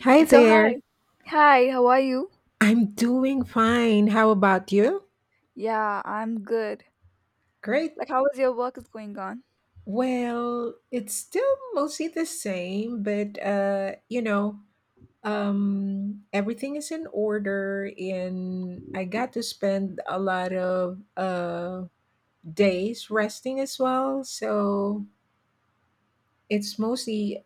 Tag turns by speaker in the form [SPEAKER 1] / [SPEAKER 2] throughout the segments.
[SPEAKER 1] Hi
[SPEAKER 2] So
[SPEAKER 1] there.
[SPEAKER 2] hi. Hi, how are you?
[SPEAKER 1] I'm doing fine. How about you?
[SPEAKER 2] Yeah, I'm good.
[SPEAKER 1] Great.
[SPEAKER 2] Like how is your work is going on?
[SPEAKER 1] Well, it's still mostly the same, but everything is in order, and I got to spend a lot of days resting as well. So it's mostly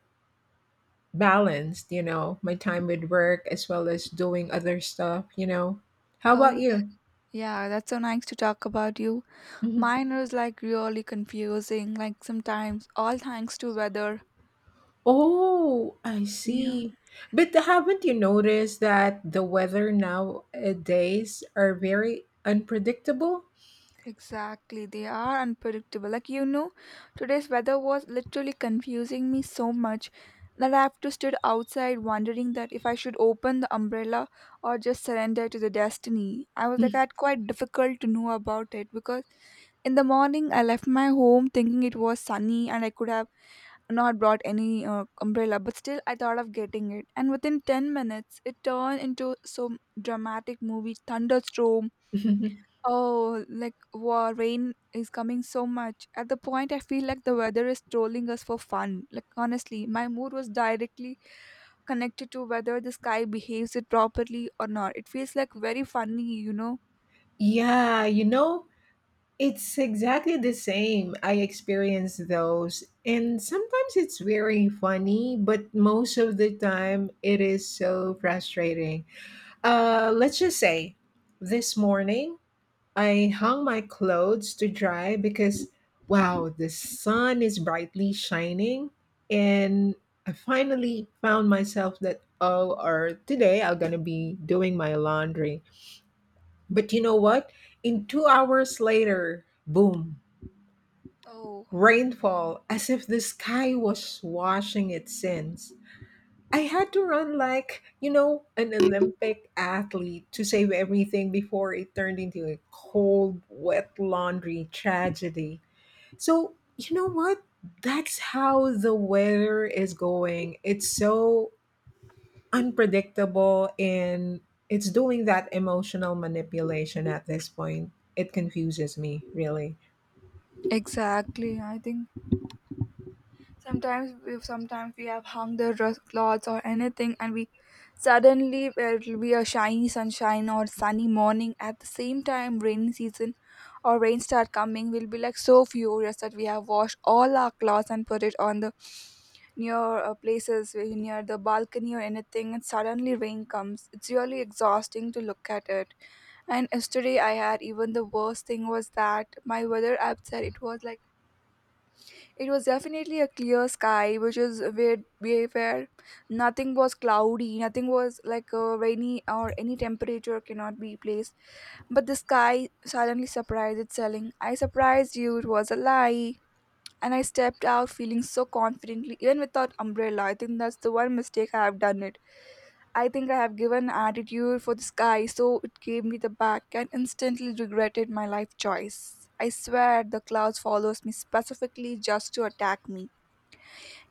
[SPEAKER 1] balanced my time with work as well as doing other stuff. How about
[SPEAKER 2] Oh, that,
[SPEAKER 1] you?
[SPEAKER 2] yeah, that's so nice to talk about you.
[SPEAKER 1] Mm-hmm.
[SPEAKER 2] Mine was like really confusing, like sometimes all thanks to weather.
[SPEAKER 1] Oh, I
[SPEAKER 2] Yeah,
[SPEAKER 1] see. But haven't you noticed that the weather nowadays are very unpredictable?
[SPEAKER 2] exactly. They are unpredictable. Like you know, today's weather was literally confusing me so much that I have to stood outside wondering that if I should open the umbrella or just surrender to the destiny. I was like I had quite difficult to know about it because in the morning, I left my home thinking it was sunny and I could have not brought any umbrella, but still I thought of getting it. And within 10 minutes, it turned into some dramatic movie thunderstorm. Oh, like wow, rain is coming so much. At the point, I feel like the weather is trolling us for fun. Like, honestly, my mood was directly connected to whether the sky behaves it properly or not. It feels like very funny, you know.
[SPEAKER 1] Yeah, it's exactly the same. I experience those. And sometimes it's very funny, but most of the time it is so frustrating. Let's just say this morning I hung my clothes to dry because, wow, the sun is brightly shining. And I finally found myself that, oh, or today I'm going to be doing my laundry. But you know what? In 2 hours later, boom,
[SPEAKER 2] Oh,
[SPEAKER 1] rainfall, as if the sky was washing its sins. I had to run like, an Olympic athlete to save everything before it turned into a cold, wet laundry tragedy. So, you know what? That's how the weather is going. It's so unpredictable and it's doing that emotional manipulation at this point. It confuses me, really.
[SPEAKER 2] exactly. I think Sometimes we have hung the clothes or anything, and we suddenly it'll be a shiny sunshine or sunny morning. At the same time, rainy season or rain start coming. We'll be like so furious that we have washed all our clothes and put it on the near places near the balcony or anything, and suddenly rain comes. It's really exhausting to look at it. And yesterday, I had even the worst thing was that my weather app said it was like it was definitely a clear sky, which is where we were. Nothing was cloudy, nothing was like rainy or any temperature cannot be placed. But the sky suddenly surprised it, I surprised you, it was a lie. And I stepped out feeling so confidently, even without umbrella. I think that's the one mistake I have done it. I think I have given attitude for the sky, so it gave me the back and instantly regretted my life choice. I swear the clouds follows me specifically just to attack me.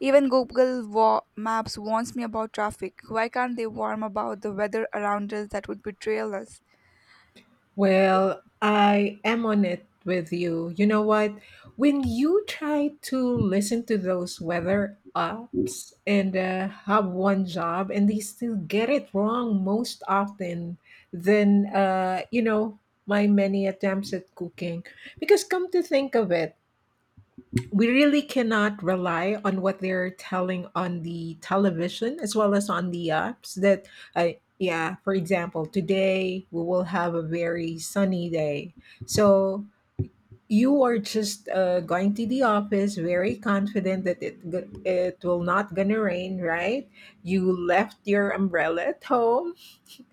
[SPEAKER 2] Even Maps warns me about traffic. Why can't they warn about the weather around us that would betrayal us?
[SPEAKER 1] Well, I am on it with you. You know what? When you try to listen to those weather apps and have one job and they still get it wrong most often, then, uh, you know, my many attempts at cooking. Because come to think of it, we really cannot rely on what they're telling on the television as well as on the apps that uh, yeah, for example, today we will have a very sunny day, so you are just going to the office very confident that it will not gonna rain, right? You left your umbrella at home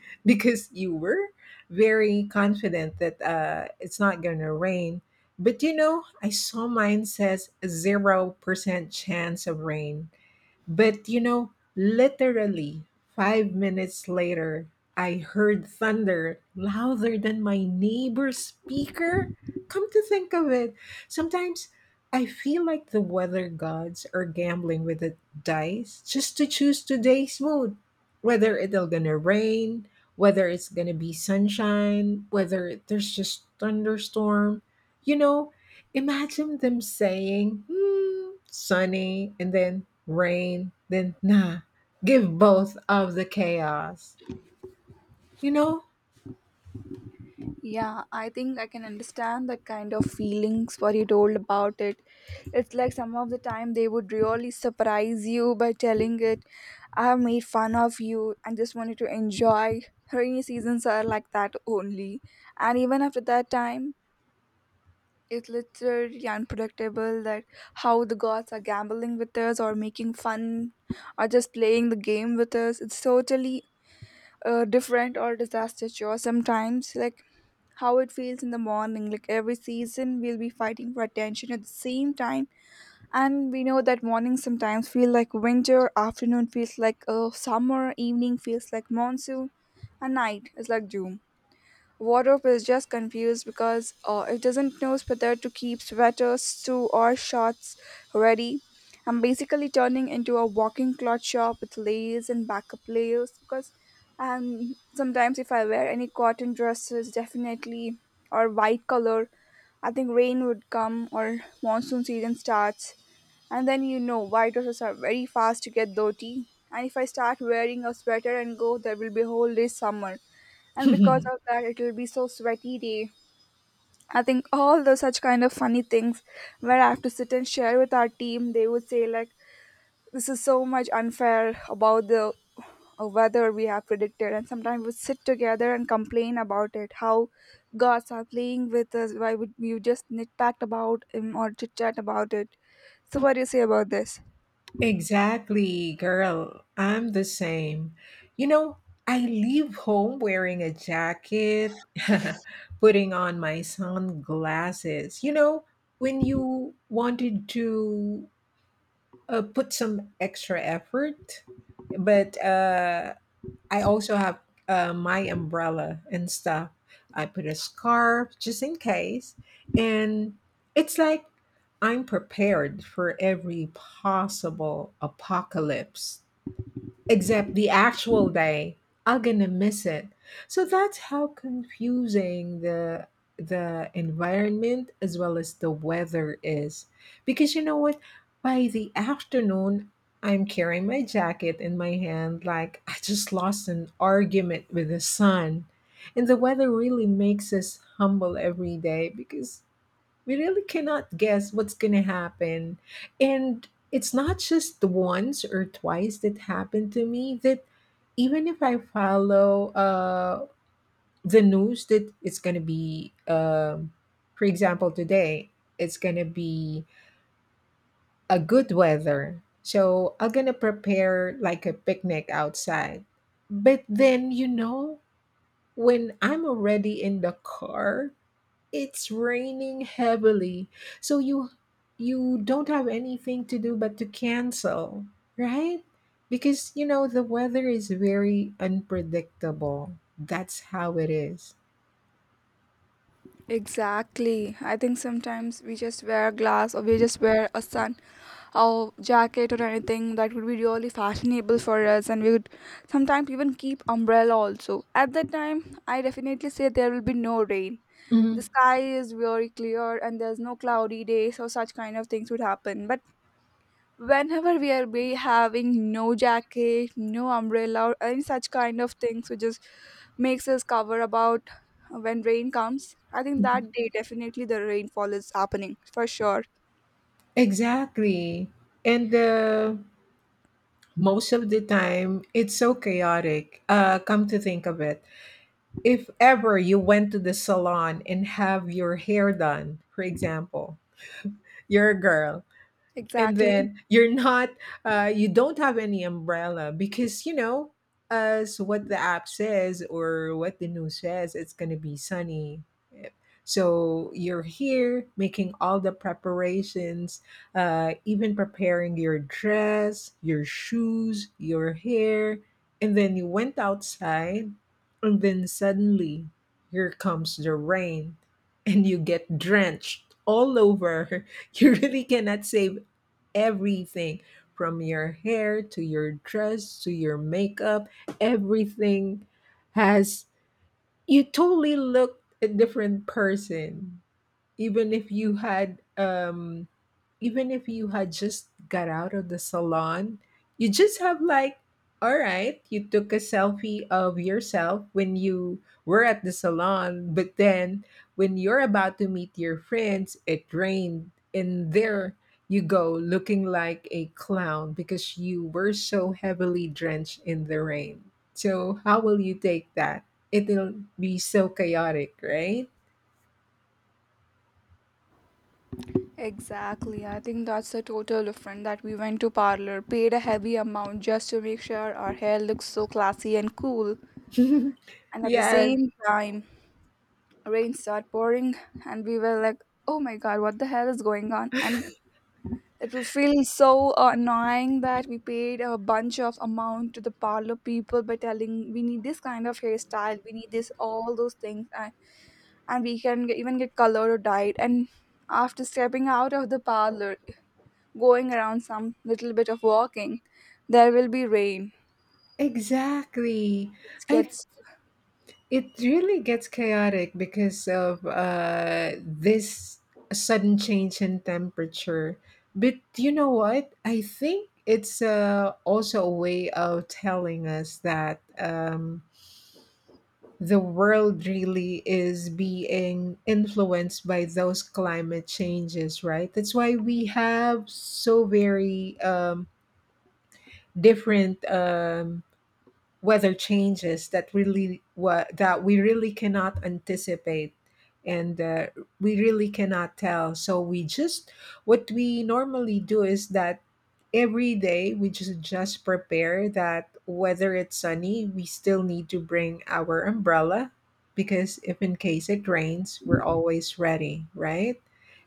[SPEAKER 1] because you were very confident that it's not going to rain. But you know, I saw mine says 0% chance of rain. But you know, literally 5 minutes later, I heard thunder louder than my neighbor's speaker. Come to think of it, sometimes I feel like the weather gods are gambling with the dice just to choose today's mood. Whether it'll gonna rain, whether it's gonna be sunshine, whether there's just thunderstorm. You know, imagine them saying, hmm, sunny, and then rain, then nah, give both of the chaos. You know?
[SPEAKER 2] Yeah, I think I can understand that kind of feelings what you told about it. It's like some of the time they would really surprise you by telling it, I have made fun of you and just wanted to enjoy. Rainy seasons are like that only. And even after that time, it's literally unpredictable that how the gods are gambling with us or making fun or just playing the game with us. It's totally different or disastrous, or sometimes like how it feels in the morning, like every season we'll be fighting for attention at the same time. And we know that mornings sometimes feel like winter, afternoon feels like summer, evening feels like monsoon, and night is like doom. Wardrobe is just confused because it doesn't know whether to keep sweaters, two or shorts ready. I'm basically turning into a walking cloth shop with layers and backup layers because sometimes if I wear any cotton dresses, definitely, or white color, I think rain would come or monsoon season starts. And then you know, white dresses are very fast to get dirty. And if I start wearing a sweater and go, there will be a whole day summer, and because of that it'll be so sweaty day. I think all those such kind of funny things where I have to sit and share with our team, they would say like this is so much unfair about the weather we have predicted. And sometimes we sit together and complain about it, how gods are playing with us, why would you just nitpack about him or chit chat about it. So what do you say about this?
[SPEAKER 1] Exactly, girl. I'm the same. You know, I leave home wearing a jacket, putting on my sunglasses. You know, when you wanted to put some extra effort, but I also have my umbrella and stuff. I put a scarf just in case. And it's like I'm prepared for every possible apocalypse except the actual day I'm gonna miss it. So that's how confusing the environment as well as the weather is, because you know what, by the afternoon I'm carrying my jacket in my hand like I just lost an argument with the sun. And the weather really makes us humble every day because we really cannot guess what's going to happen. And it's not just the once or twice that happened to me that even if I follow the news that it's going to be, for example, today, it's going to be a good weather. So I'm going to prepare like a picnic outside. But then, you know, when I'm already in the car, it's raining heavily, so you don't have anything to do but to cancel, right? Because you know the weather is very unpredictable. That's how it is.
[SPEAKER 2] Exactly, I think sometimes we just wear a glass, or we just wear a sun or jacket or anything that would be really fashionable for us, and we would sometimes even keep umbrella also. At that time I definitely say there will be no rain, the
[SPEAKER 1] Mhm.
[SPEAKER 2] sky is very clear and there's no cloudy day, so such kind of things would happen. But whenever we are be having no jacket, no umbrella or any such kind of things which just makes us cover about, when rain comes I think that day definitely the rainfall is happening for sure.
[SPEAKER 1] Exactly. And most of the time it's so chaotic. Come to think of it, if ever you went to the salon and have your hair done, for example, you're a girl, and
[SPEAKER 2] Exactly.
[SPEAKER 1] then you don't have any umbrella because, you know, as what the app says or what the news says, it's going to be sunny. Yep. So you're here making all the preparations, even preparing your dress, your shoes, your hair, and then you went outside, and then suddenly here comes the rain and you get drenched all over. You really cannot save everything, from your hair to your dress to your makeup, everything has, you totally look a different person. Even if you had even if you had just got out of the salon, you just have like, all right, you took a selfie of yourself when you were at the salon, but then when you're about to meet your friends it rained, and there you go looking like a clown because you were so heavily drenched in the rain. So how will you take that? It'll be so chaotic, right?
[SPEAKER 2] Exactly. I think that's the total difference, that we went to parlor, paid a heavy amount just to make sure our hair looks so classy and cool. And at the
[SPEAKER 1] Yeah.
[SPEAKER 2] same time, rain started pouring and we were like, "Oh my god, what the hell is going on?" And it was feel so annoying that we paid a bunch of amount to the parlor people by telling we need this kind of hairstyle, we need this all those things. And we can get, even get color or dyed. And after stepping out of the parlor, going around some little bit of walking, there will be rain.
[SPEAKER 1] Exactly.
[SPEAKER 2] It
[SPEAKER 1] I th-
[SPEAKER 2] gets
[SPEAKER 1] it really gets chaotic because of this sudden change in temperature. But you know what? I think it's also a way of telling us that the world really is being influenced by those climate changes, right? That's why we have so very different weather changes that that we really cannot anticipate, and we really cannot tell. So we just, what we normally do is that every day we just prepare that whether it's sunny we still need to bring our umbrella, because if in case it rains we're always ready, right?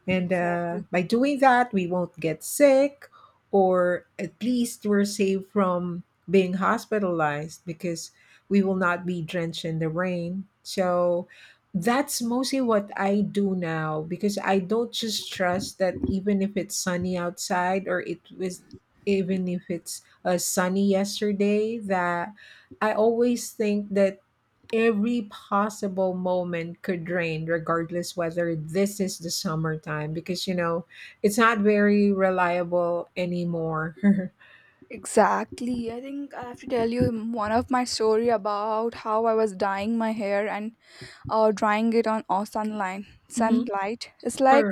[SPEAKER 1] And
[SPEAKER 2] exactly
[SPEAKER 1] by doing that we won't get sick, or at least we're safe from being hospitalized, because we will not be drenched in the rain. So that's mostly what I do now, because I don't just trust that, even if it's sunny outside, or it was, even if it's sunny yesterday, that I always think that every possible moment could rain, regardless whether this is the summertime, because you know it's not very reliable anymore.
[SPEAKER 2] exactly. I think I have to tell you one of my story about how I was dyeing my hair and drying it on sunlight.
[SPEAKER 1] Mm-hmm.
[SPEAKER 2] Sunlight. It's like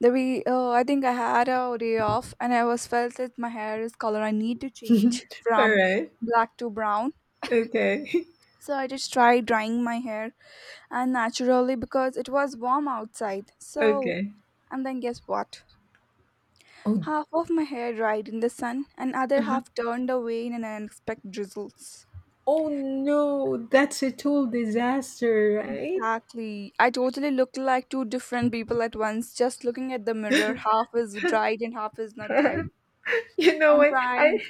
[SPEAKER 2] the we. I think I had a day off, and I was felt that my hair is color. I need to change
[SPEAKER 1] All
[SPEAKER 2] from
[SPEAKER 1] right.
[SPEAKER 2] black to brown.
[SPEAKER 1] Okay.
[SPEAKER 2] So I just tried drying my hair, and naturally because it was warm outside. So,
[SPEAKER 1] Okay.
[SPEAKER 2] and then guess what?
[SPEAKER 1] Oh.
[SPEAKER 2] Half of my hair dried in the sun, and other
[SPEAKER 1] Uh-huh.
[SPEAKER 2] half turned away in an unexpected drizzles.
[SPEAKER 1] Oh no, that's a total disaster, right?
[SPEAKER 2] Exactly. I totally looked like two different people at once, just looking at the mirror. Half is dried and half is not dried.
[SPEAKER 1] You know
[SPEAKER 2] I'm
[SPEAKER 1] what?
[SPEAKER 2] trying.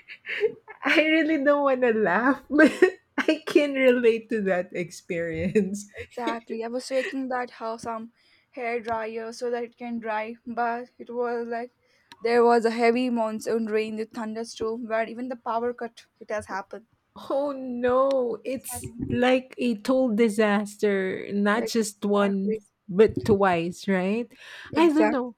[SPEAKER 1] I really don't want to laugh, but I can relate to that experience.
[SPEAKER 2] Exactly. I was taking that house some hair dryer so that it can dry, but it was like there was a heavy monsoon rain with thunderstorm where even the power cut it has happened.
[SPEAKER 1] Oh no,
[SPEAKER 2] So I
[SPEAKER 1] it's
[SPEAKER 2] think.
[SPEAKER 1] like a total disaster, not just once,
[SPEAKER 2] Exactly.
[SPEAKER 1] but twice, right? I don't
[SPEAKER 2] Exactly.
[SPEAKER 1] know.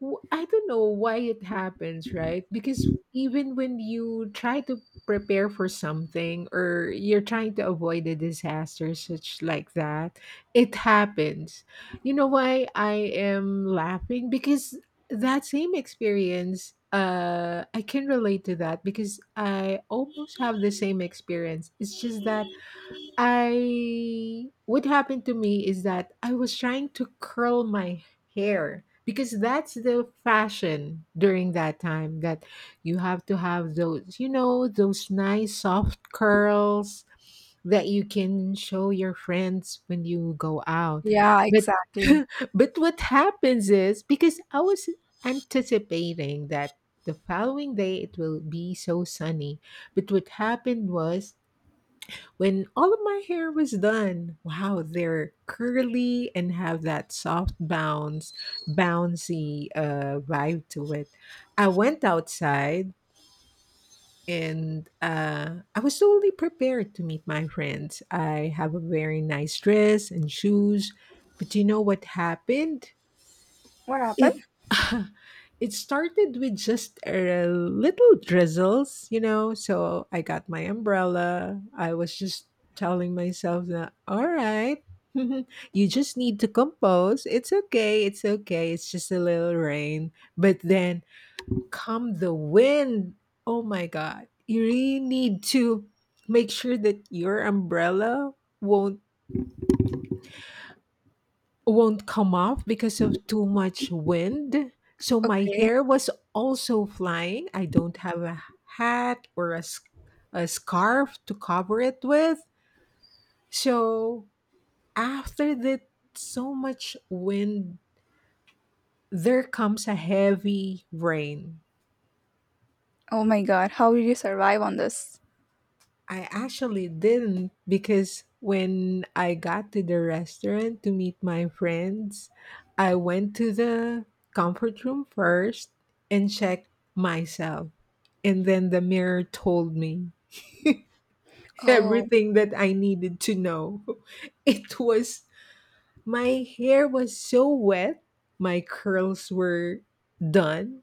[SPEAKER 1] I don't know why it happens, right? Because even when you try to prepare for something, or you're trying to avoid a disaster such like that, it happens. You know why I am laughing? Because that same experience, I can relate to that because I almost have the same experience. It's just that I what happened to me is that I was trying to curl my hair because that's the fashion during that time that you have to have those, you know, those nice soft curls that you can show your friends when you go out.
[SPEAKER 2] Yeah,
[SPEAKER 1] But
[SPEAKER 2] exactly.
[SPEAKER 1] but what happens is because I was anticipating that the following day it will be so sunny, but what happened was when all of my hair was done, wow, they're curly and have that soft bouncy vibe to it. I went outside, and I was totally prepared to meet my friends. I have a very nice dress and shoes, but you know what happened?
[SPEAKER 2] What
[SPEAKER 1] It
[SPEAKER 2] happened?
[SPEAKER 1] It started with just a little drizzles, you know. So I got my umbrella. I was just telling myself that, all right, you just need to compose. It's okay. It's okay. It's just a little rain. But then come the wind. Oh my god. You really need to make sure that your umbrella won't won't come off because of too much wind. So my
[SPEAKER 2] Okay.
[SPEAKER 1] hair was also flying. I don't have a hat or a scarf to cover it with. So after that so much wind, there comes a heavy rain.
[SPEAKER 2] Oh my god, how did you survive on this?
[SPEAKER 1] I actually didn't, because when I got to the restaurant to meet my friends, I went to the comfort room first and checked myself. And then the mirror told me
[SPEAKER 2] Oh,
[SPEAKER 1] everything that I needed to know. It was, my hair was so wet, my curls were done,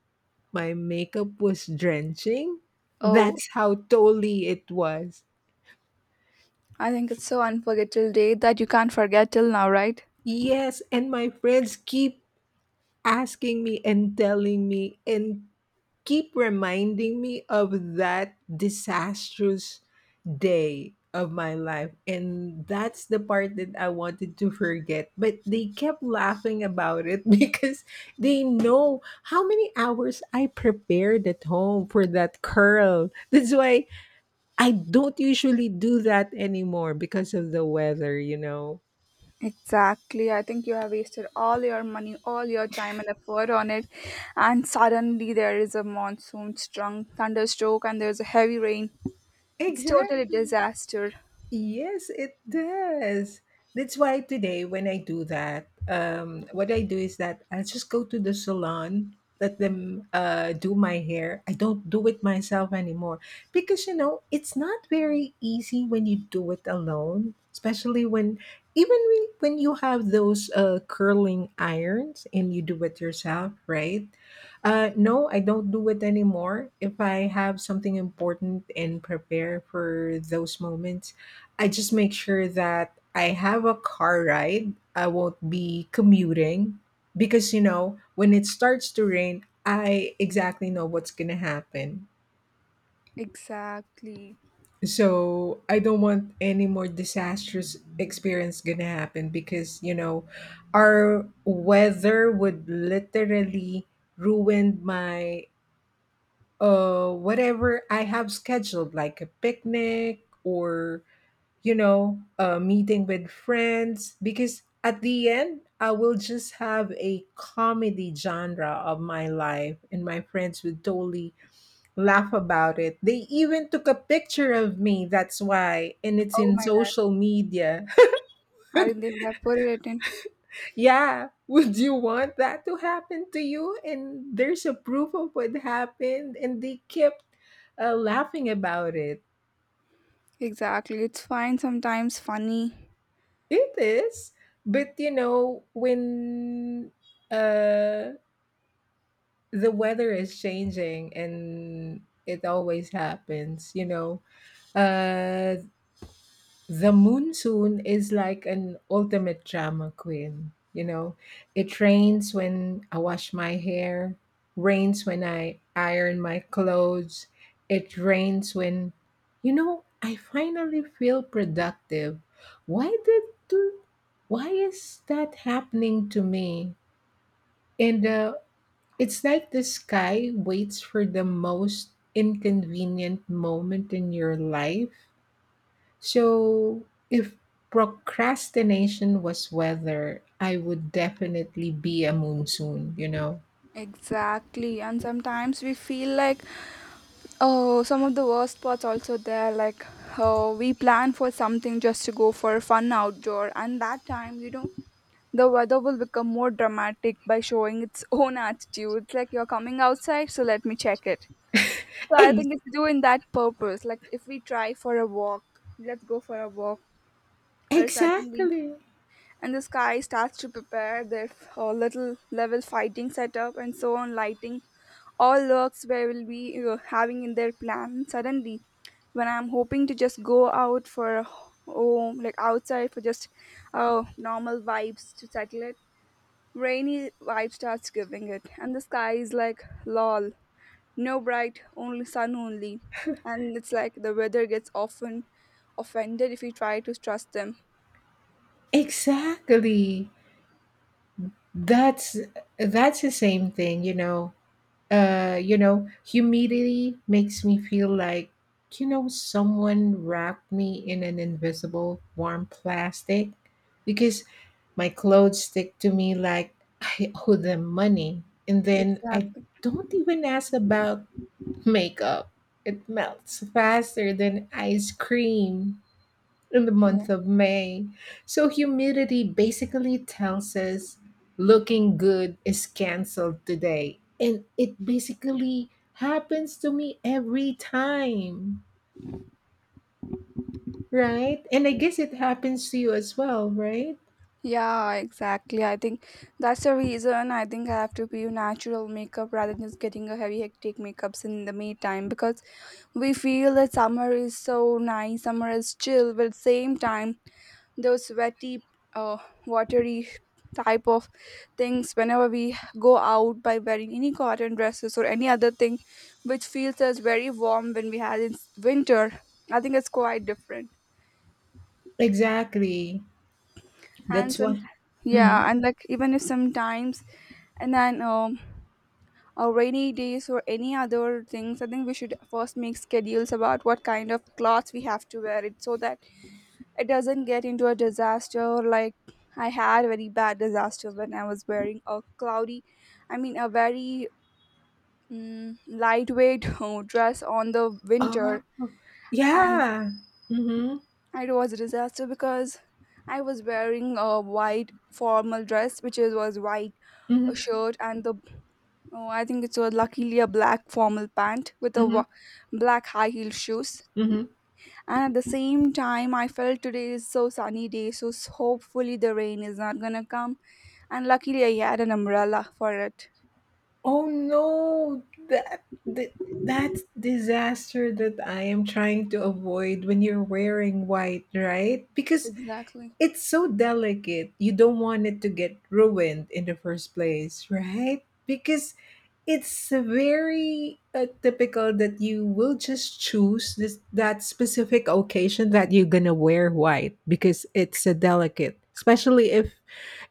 [SPEAKER 1] my makeup was drenching.
[SPEAKER 2] oh,
[SPEAKER 1] That's how totally it was.
[SPEAKER 2] I think it's so unforgettable day that you can't forget till now, right?
[SPEAKER 1] Yes, and my friends keep asking me and telling me and keep reminding me of that disastrous day of my life. And that's the part that I wanted to forget. But they kept laughing about it because they know how many hours I prepared at home for that curl. That's why I don't usually do that anymore, because of the weather, you know.
[SPEAKER 2] Exactly. I think you have wasted all your money, all your time and effort on it, and suddenly there is a monsoon strong thunderstroke and there's a heavy rain. It's totally
[SPEAKER 1] Exactly.
[SPEAKER 2] disaster.
[SPEAKER 1] Yes, it does. That's why today when I do that, what I do is that I just go to the salon, let them do my hair. I don't do it myself anymore, because you know it's not very easy when you do it alone, especially when even when you have those curling irons and you do it yourself, right? No, I don't do it anymore. If I have something important and prepare for those moments, I just make sure that I have a car ride. I won't be commuting because, you know, when it starts to rain, I exactly know what's going to happen.
[SPEAKER 2] Exactly.
[SPEAKER 1] So I don't want any more disastrous experience going to happen because, you know, our weather would literally ruin my whatever I have scheduled like a picnic or you know, meeting with friends, because at the end, I will just have a comedy genre of my life, and my friends would totally laugh about it. They even took a picture of me, that's why, and it's
[SPEAKER 2] Oh
[SPEAKER 1] in
[SPEAKER 2] my god.
[SPEAKER 1] social media.
[SPEAKER 2] I think they would have put it in.
[SPEAKER 1] Yeah, would you want that to happen to you? And there's a proof of what happened, and they kept laughing about it.
[SPEAKER 2] Exactly. It's fine, sometimes funny.
[SPEAKER 1] It is, but you know, when uh the weather is changing and it always happens, you know. Uh, the monsoon is like an ultimate drama queen, you know. It rains when I wash my hair, rains when I iron my clothes, it rains when, you know, I finally feel productive. Why did do, why is that happening to me? And It's like the sky waits for the most inconvenient moment in your life. So, if procrastination was weather, I would definitely be a monsoon, you know?
[SPEAKER 2] Exactly. And sometimes we feel like, oh, some of the worst parts also there. Like, oh, we plan for something just to go for a fun outdoor. And that time, you know, the weather will become more dramatic by showing its own attitude. It's like, you're coming outside, so let me check it. So I
[SPEAKER 1] Ex-
[SPEAKER 2] think it's doing that purpose. Like, if we try for a walk, let's go for a walk. Or suddenly
[SPEAKER 1] exactly.
[SPEAKER 2] and the sky starts to prepare their little level fighting setup and so on lighting all works where will be having in their plan. Suddenly when I'm hoping to just go out for, oh, like outside for just normal vibes to settle it, rainy vibe starts giving it, and the sky is like lol, no bright only, sun only. And it's like the weather gets often offended if you try to trust them.
[SPEAKER 1] Exactly. That's that's the same thing, you know. You know, humidity makes me feel like, you know, someone wrapped me in an invisible warm plastic because my clothes stick to me like I owe them money. And then I
[SPEAKER 2] Exactly.
[SPEAKER 1] don't even ask about makeup, it melts faster than ice cream in the
[SPEAKER 2] Yeah.
[SPEAKER 1] month of May. So humidity basically tells us looking good is canceled today. And it basically happens to me every time, right? And I guess it happens to you as well, right?
[SPEAKER 2] Yeah, exactly. I think that's the reason, I think I have to be natural makeup rather than just getting a heavy hectic makeups in the meantime, because we feel that summer is so nice, summer is chill, but at the same time those sweaty uh watery type of things whenever we go out by wearing any cotton dresses or any other thing which feels as very warm when we had in winter. I think it's quite different.
[SPEAKER 1] Exactly.
[SPEAKER 2] And
[SPEAKER 1] That's
[SPEAKER 2] some,
[SPEAKER 1] why. Mhm.
[SPEAKER 2] yeah, and like even if sometimes, and then rainy days or any other things, I think we should first make schedules about what kind of clothes we have to wear it, so that it doesn't get into a disaster. Like I had a very bad disaster when I was wearing a cloudy, I mean a very lightweight dress on the
[SPEAKER 1] Oh,
[SPEAKER 2] winter. And
[SPEAKER 1] yeah. Mm-hmm.
[SPEAKER 2] it was a disaster because I was wearing a white formal dress which is was white, a
[SPEAKER 1] Mm-hmm.
[SPEAKER 2] shirt, and the, oh, I think it's a luckily a black formal pant with a
[SPEAKER 1] Mm-hmm.
[SPEAKER 2] black high heel shoes.
[SPEAKER 1] Mm-hmm.
[SPEAKER 2] And at the same time, I felt today is so sunny day, so hopefully the rain is not gonna come. And luckily, I had an umbrella for it.
[SPEAKER 1] Oh no, that, that that's disaster that I am trying to avoid when you're wearing white, right? Because
[SPEAKER 2] Exactly.
[SPEAKER 1] it's so delicate. You don't want it to get ruined in the first place, right? Because it's very typical that you will just choose this that specific occasion that you're gonna wear white because it's a delicate, especially if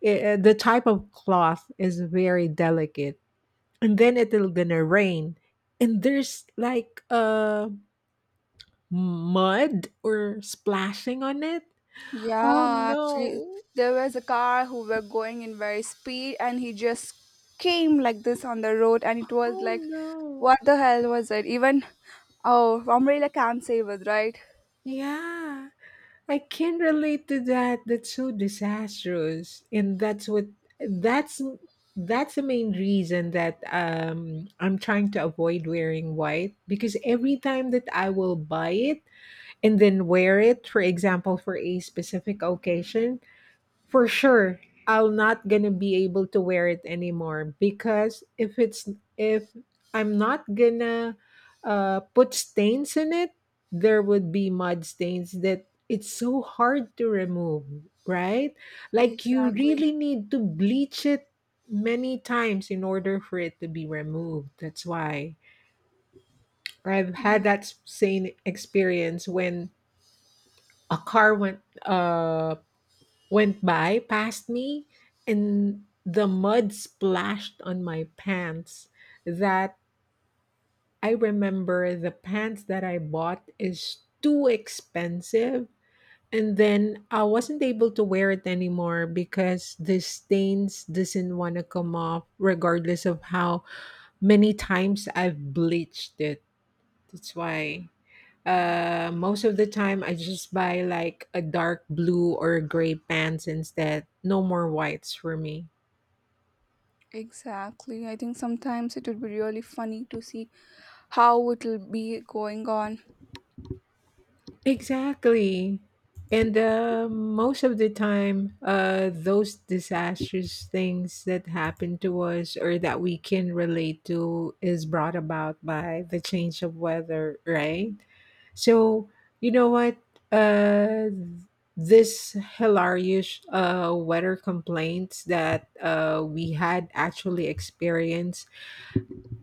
[SPEAKER 1] the type of cloth is very delicate and then it'll gonna rain and there's like mud or splashing on it. Oh
[SPEAKER 2] Yeah, actually,
[SPEAKER 1] no,
[SPEAKER 2] there was a car who were going in very speed, and he just came like this on the road, and it was
[SPEAKER 1] oh
[SPEAKER 2] like,
[SPEAKER 1] no,
[SPEAKER 2] what the hell was it? Even oh, umbrella can't save us, right?
[SPEAKER 1] yeah, I can relate to that. That's so disastrous, and that's what that's that's the main reason that I'm trying to avoid wearing white, because every time that I will buy it and then wear it for example for a specific occasion. For sure, I'll not gonna be able to wear it anymore because if it's if I'm not gonna put stains in it, there would be mud stains that it's so hard to remove, right? Like you
[SPEAKER 2] Exactly.
[SPEAKER 1] really need to bleach it many times in order for it to be removed. That's why I've had that same experience when a car went by past me and the mud splashed on my pants that I remember the pants that I bought is too expensive and then I wasn't able to wear it anymore because the stains doesn't want to come off regardless of how many times I've bleached it. That's why most of the time, I just buy like a dark blue or gray pants instead. No more whites for me.
[SPEAKER 2] Exactly. I think sometimes it would be really funny to see how it'll be going on.
[SPEAKER 1] Exactly. And most of the time, those disastrous things that happen to us or that we can relate to is brought about by the change of weather, right? So, you know what? Uh, this hilarious weather complaints that we had actually experienced.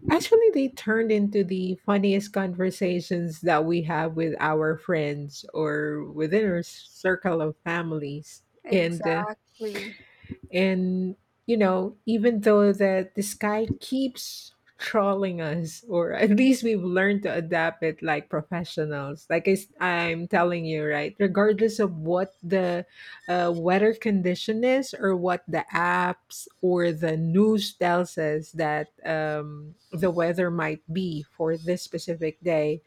[SPEAKER 1] Actually, they turned into the funniest conversations that we have with our friends or within our circle of families. And uh,
[SPEAKER 2] Exactly.
[SPEAKER 1] and you know even though that the sky keeps trolling us or at least we've learned to adapt it like professionals like I, am telling you right regardless of what the weather condition is or what the apps or the news tells us that the weather might be for this specific day.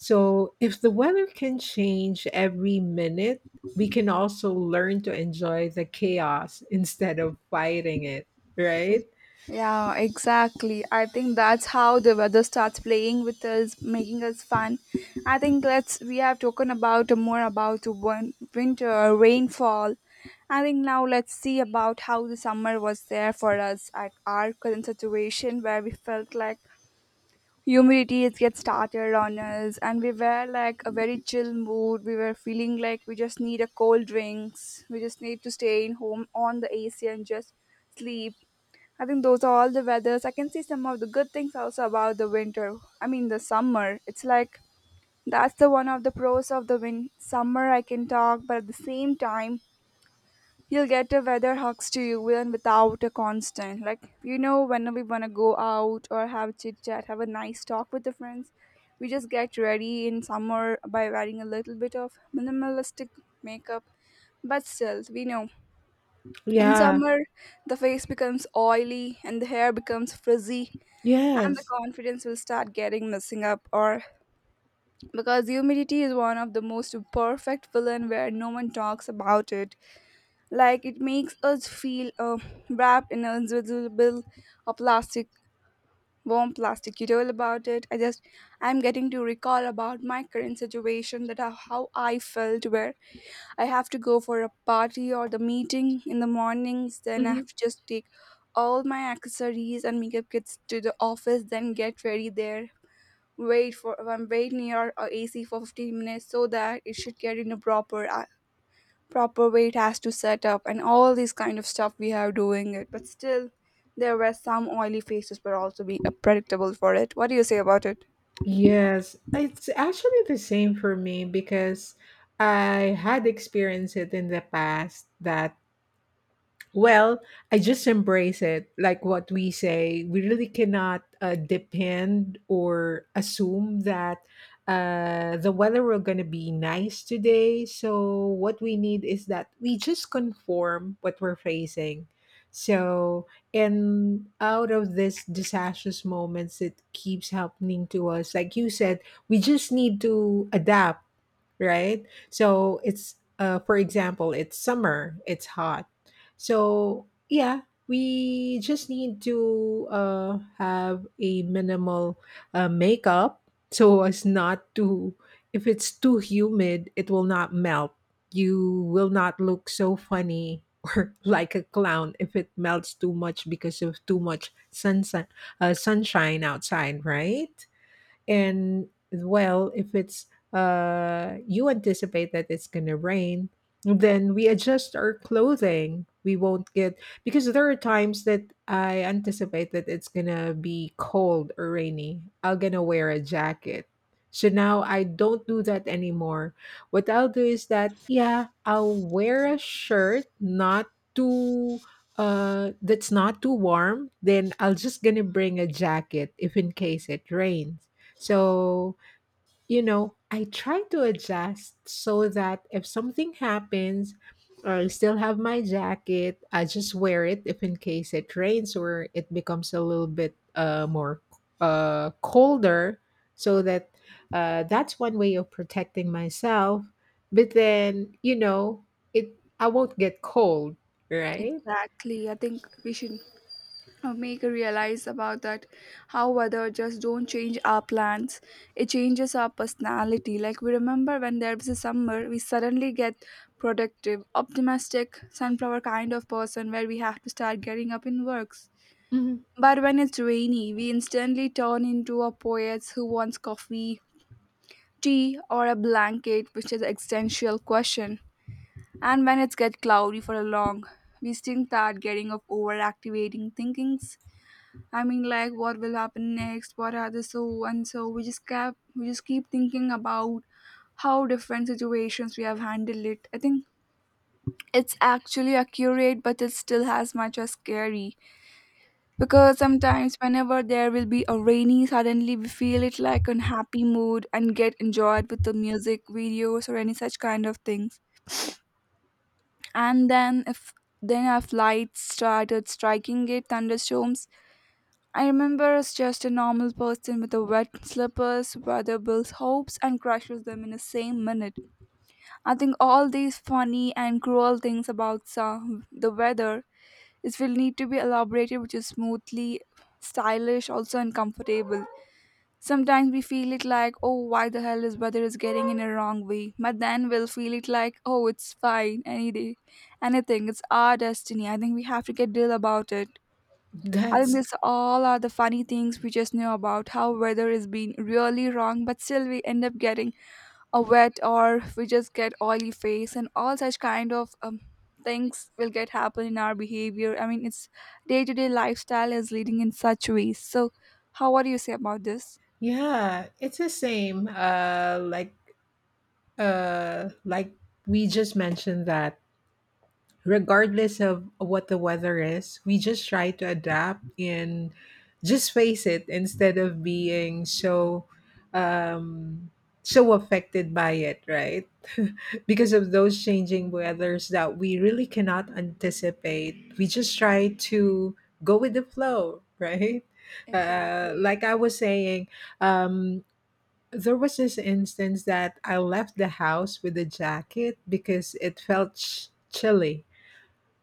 [SPEAKER 1] So, if the weather can change every minute, we can also learn to enjoy the chaos instead of fighting it, right?
[SPEAKER 2] Yeah, exactly. I think that's how the weather starts playing with us, making us fun. I think let's we have talked about more about the winter rainfall. I think now let's see about how the summer was there for us at our current situation where we felt like humidity is get started on us, and we were like a very chill mood. We were feeling like we just need a cold drinks, we just need to stay in home on the AC and just sleep. I think those are all the weathers. I can see some of the good things also about the winter, I mean the summer. It's like that's the one of the pros of the win summer I can talk, but at the same time he'll get a weather hugs to you even without a constant. Like, you know, when we want to go out or have chit chat, have a nice talk with the friends, we just get ready in summer by wearing a little bit of minimalistic makeup. But still, we know in
[SPEAKER 1] Yeah,
[SPEAKER 2] summer the face becomes oily and the hair becomes frizzy and the
[SPEAKER 1] yes.
[SPEAKER 2] confidence will start getting messing up, or because humidity is one of the most perfect villain where no one talks about it. Like it makes us feel wrapped in an invisible a plastic, warm plastic. You told about it. I just, I'm getting to recall about my current situation that how I felt, where I have to go for a party or the meeting in the mornings. Then I
[SPEAKER 1] Hmm.
[SPEAKER 2] have to just take all my accessories and makeup kits to the office. Then get ready there. Wait near a AC for 15 minutes so that it should get in a proper proper way. It has to set up and all these kind of stuff we have doing it, but still there were some oily faces were also be predictable for it. What do you say about it?
[SPEAKER 1] Yes, it's actually the same for me because I had experienced it in the past that, well, I just embrace it. Like what we say, we really cannot depend or assume that the weather will going to be nice today. So, what we need is that we just conform what we're facing. So, and out of this disastrous moments, it keeps happening to us. Like you said, we just need to adapt, right? So it's for example, it's summer, it's hot. So yeah, we just need to have a minimal makeup so as not to. If it's too humid, it will not melt. You will not look so funny or like a clown if it melts too much because of too much sunshine, sunshine outside, right? And well, if it's you anticipate that it's gonna rain, then we adjust our clothing. We won't get because there are times that I anticipate that it's gonna be cold or rainy. I'm gonna wear a jacket. So now I don't do that anymore. What I'll do is that yeah, I'll wear a shirt, not too that's not too warm, then I'll just gonna bring a jacket if in case it rains. So, you know, I try to adjust so that if something happens, I still have my jacket. I just wear it if in case it rains or it becomes a little bit more colder. So that that's one way of protecting myself. But then, you know, it I won't get cold, right?
[SPEAKER 2] Exactly. I think we should make a realize about that how weather just don't change our plans. It changes our personality. Like we remember when there was a summer, we suddenly get productive, optimistic, sunflower kind of person where we have to start getting up in works.
[SPEAKER 1] Mhm.
[SPEAKER 2] But when it's rainy, we instantly turn into a poets who wants coffee, tea, or a blanket, which is existential question. And when it's get cloudy for a long, we still start getting of overactivating thinkings. I mean, like what will happen next? What are the so and so? We just keep thinking about how different situations we have handled it. I think it's actually accurate, but it still has much as scary. Because sometimes, whenever there will be a rainy, suddenly we feel it like an happy mood and get enjoyed with the music videos or any such kind of things. And then, if then our lights started striking it, thunderstorms. I remember as just a normal person with a wet slippers, weather builds hopes and crushes them in the same minute. I think all these funny and cruel things about some, the weather is will need to be elaborated, which is smoothly, stylish, also and comfortable. Sometimes we feel it like, oh, why the hell is weather is getting in a wrong way? But then we'll feel it like, oh, it's fine any day, anything. It's our destiny. I think we have to get deal about it. I think
[SPEAKER 1] That's
[SPEAKER 2] this all are the funny things we just know about how weather is being really wrong, but still we end up getting a wet, or we just get oily face and all such kind of things will get happen in our behavior. I mean, it's day to day lifestyle is leading in such ways. So, how what do you say about this?
[SPEAKER 1] yeah, it's the same. Like we just mentioned that regardless of what the weather is, we just try to adapt and just face it instead of being um so affected by it, right? Because of those changing weathers that we really cannot anticipate, we just try to go with the flow. Right.
[SPEAKER 2] Exactly.
[SPEAKER 1] Like I was saying, um there was this instance that I left the house with a jacket because it felt chilly.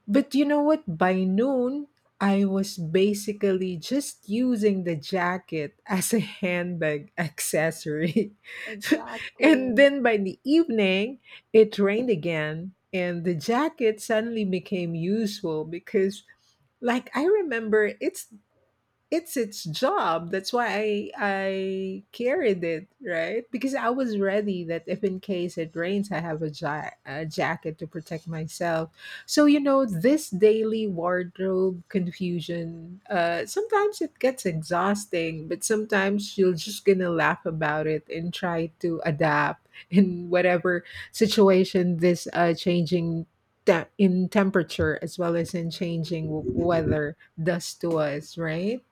[SPEAKER 1] But you know what? By noon, I was basically just using the jacket as a handbag accessory. And
[SPEAKER 2] Exactly.
[SPEAKER 1] then by the evening, it rained again, and the jacket suddenly became useful because, like, I remember it's its job. That's why I carried it, right? Because I was ready that if in case it rains, I have a jacket to protect myself. So you know, this daily wardrobe confusion. Sometimes it gets exhausting, but sometimes you're just gonna laugh about it and try to adapt in whatever situation this changing. In temperature as well as in changing weather does to us, right?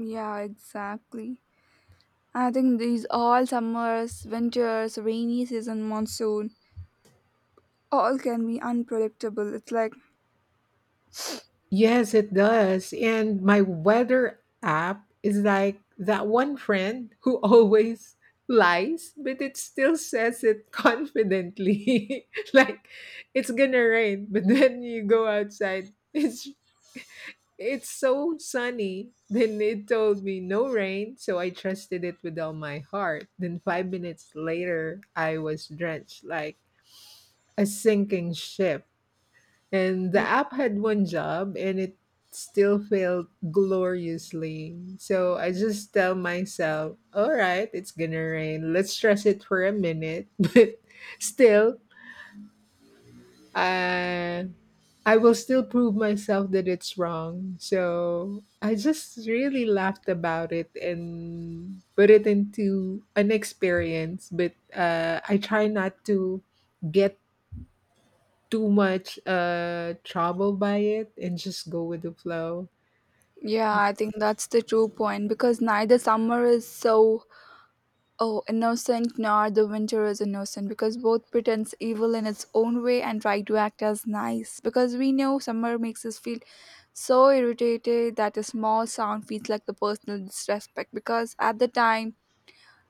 [SPEAKER 2] Yeah, exactly. I think these all summers, winters, rainy season, monsoon, all can be unpredictable. It's like,
[SPEAKER 1] Yes, it does. And my weather app is like that one friend who always lies, but it still says it confidently. Like it's gonna rain, but then you go outside, it's so sunny. Then it told me no rain, so I trusted it with all my heart. Then 5 minutes later, I was drenched like a sinking ship. And the app had one job and it still failed gloriously. So I just tell myself, all right, it's gonna rain. Let's stress it for a minute. But still, uh, I will still prove myself that it's wrong. So I just really laughed about it and put it into an experience. But I try not to get too much trouble by it and just go with the flow.
[SPEAKER 2] yeah, I think that's the true point because neither summer is so oh innocent nor the winter is innocent, because both pretends evil in its own way and try to act as nice. Because we know summer makes us feel so irritated that a small sound feels like the personal disrespect, because at the time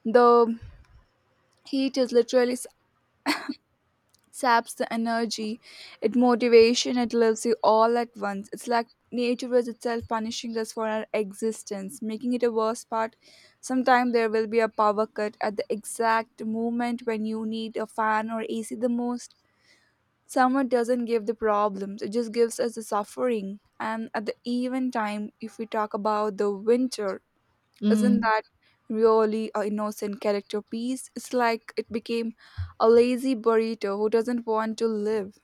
[SPEAKER 2] the heat is literally saps the energy, it motivation, it lives you all at once. It's like nature is itself punishing us for our existence, making it a worse part. Sometime there will be a power cut at the exact moment when you need a fan or AC the most. Summer doesn't give the problems, it just gives us the suffering. And at the even time if we talk about the winter, isn't
[SPEAKER 1] Mm,
[SPEAKER 2] that really a innocent character piece? It's like it became a lazy burrito who doesn't want to live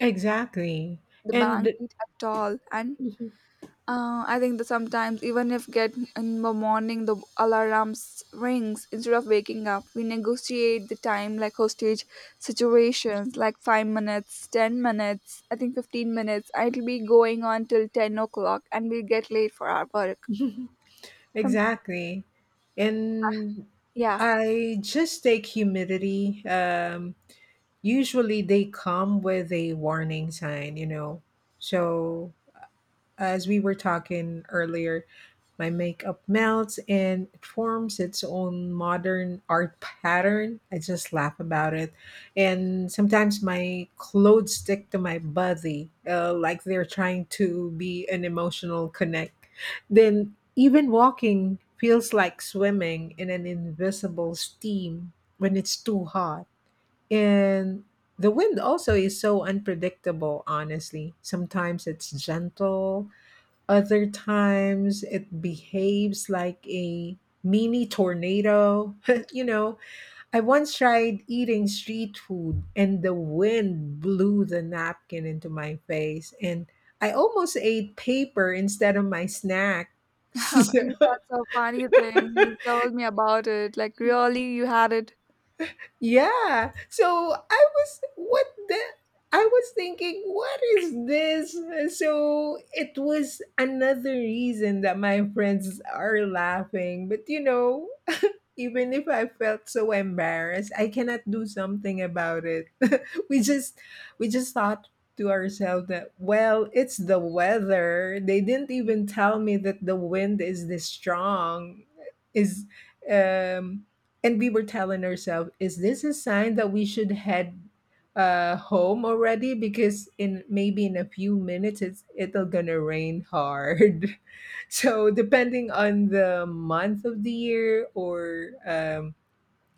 [SPEAKER 1] exactly.
[SPEAKER 2] the
[SPEAKER 1] And
[SPEAKER 2] blanket at all. And I think that sometimes even if get in the morning the alarms rings, instead of waking up, we negotiate the time like hostage situations like 5 minutes, 10 minutes, I think 15 minutes. It'll be going on till 10 o'clock and we'll get late for our work. Some
[SPEAKER 1] exactly. And
[SPEAKER 2] yeah.
[SPEAKER 1] I just take humidity. Usually they come with a warning sign, you know. So as we were talking earlier, my makeup melts and it forms its own modern art pattern. I just laugh about it. And sometimes my clothes stick to my body, like they're trying to be an emotional connect. Then even walking feels like swimming in an invisible steam when it's too hot. And the wind also is so unpredictable, honestly. Sometimes it's gentle, other times it behaves like a mini tornado. You know, I once tried eating street food and the wind blew the napkin into my face and I almost ate paper instead of my snack. So-
[SPEAKER 2] That's a funny thing. You just told me about it. Like, really, you had it
[SPEAKER 1] yeah. So I was what the I was thinking, what is this? So it was another reason that my friends are laughing. But you know, even if I felt so embarrassed, I cannot do something about it. we just we just thought to ourselves that well, it's the weather. They didn't even tell me that the wind is this strong. Is um and we were telling ourselves, is this a sign that we should head home already because in maybe in a few minutes it'll gonna rain hard. So depending on the month of the year or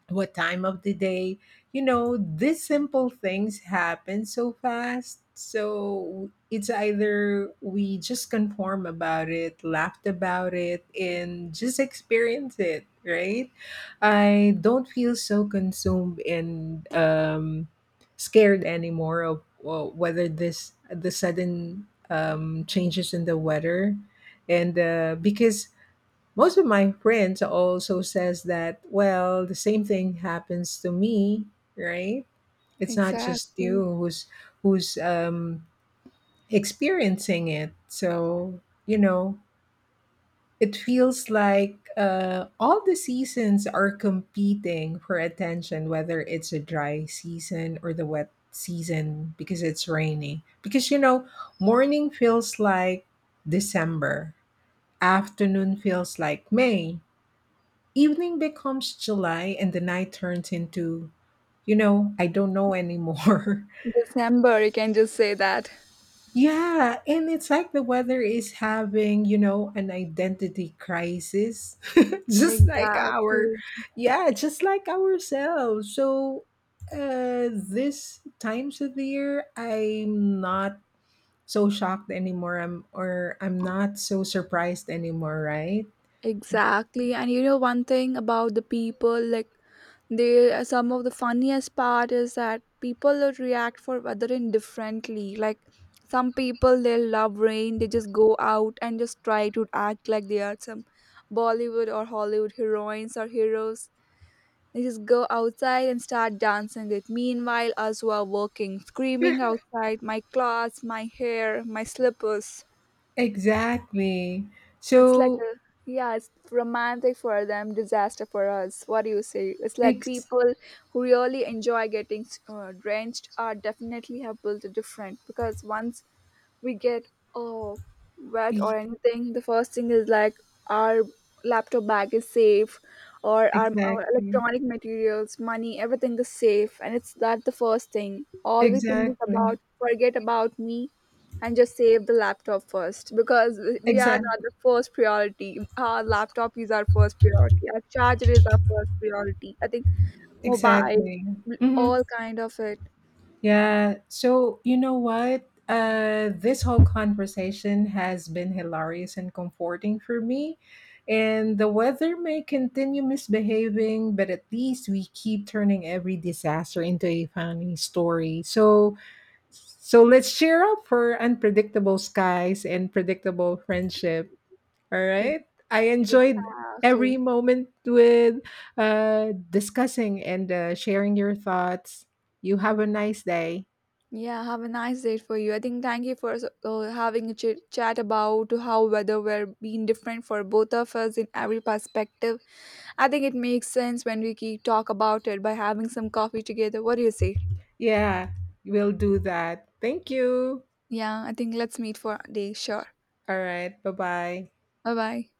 [SPEAKER 1] what time of the day, you know, these simple things happen so fast, so it's either we just conform about it, laughed about it, and just experience it, right? I don't feel so consumed and scared anymore of, well, whether this the sudden changes in the weather. And Because most of my friends also says that, well, the same thing happens to me, right? It's not just you
[SPEAKER 2] exactly.
[SPEAKER 1] who's who's um, experiencing it. So you know, it feels like all the seasons are competing for attention, whether it's a dry season or the wet season because it's rainy. Because you know, morning feels like December, afternoon feels like May, evening becomes July, and the night turns into, you know, I don't know anymore.
[SPEAKER 2] December. You can just say that.
[SPEAKER 1] Yeah, and it's like the weather is having, you know, an identity crisis, just like our,
[SPEAKER 2] Exactly.
[SPEAKER 1] yeah, just like ourselves. So, this times of the year, I'm not so shocked anymore. I'm not so surprised anymore, right?
[SPEAKER 2] Exactly. And you know one thing about the people, like they some of the funniest part is that people would react for other indifferently. Like some people they love rain, they just go out and just try to act like they are some Bollywood or Hollywood heroines or heroes. They just go outside and start dancing it. Meanwhile, us were working, screaming outside, my clothes, my hair, my slippers.
[SPEAKER 1] Exactly.
[SPEAKER 2] It's like
[SPEAKER 1] So,
[SPEAKER 2] a yeah, it's romantic for them, disaster for us. What do you say? It's like
[SPEAKER 1] ex-
[SPEAKER 2] people who really enjoy getting drenched are definitely have built a different. Because once we get oh, wet or anything, the first thing is like our laptop bag is safe, or our
[SPEAKER 1] exactly.
[SPEAKER 2] electronic materials, money, everything is safe. And it's that the first thing. All we think is
[SPEAKER 1] Exactly.
[SPEAKER 2] about forget about me and just save the laptop first, because we are
[SPEAKER 1] Exact.
[SPEAKER 2] not the first priority. Our laptop is our first priority. Our charger is our first priority. I think mobile,
[SPEAKER 1] Exactly. Hmm.
[SPEAKER 2] all kind of it.
[SPEAKER 1] Yeah. So you know what? This whole conversation has been hilarious and comforting for me. And the weather may continue misbehaving, but at least we keep turning every disaster into a funny story. So let's cheer up for unpredictable skies and predictable friendship. All
[SPEAKER 2] Ex-
[SPEAKER 1] right. I enjoyed every
[SPEAKER 2] Exactly.
[SPEAKER 1] moment with discussing and sharing your thoughts. You have a nice day.
[SPEAKER 2] Yeah, have a nice day for you. I think thank you for having a chat about how weather were being different for both of us in every perspective. I think it makes sense when we keep talk about it by having some coffee together. What do you say?
[SPEAKER 1] Yeah, we'll do that. Thank you.
[SPEAKER 2] Yeah, I think let's meet for a day. Sure.
[SPEAKER 1] All right. Bye bye.
[SPEAKER 2] Bye bye.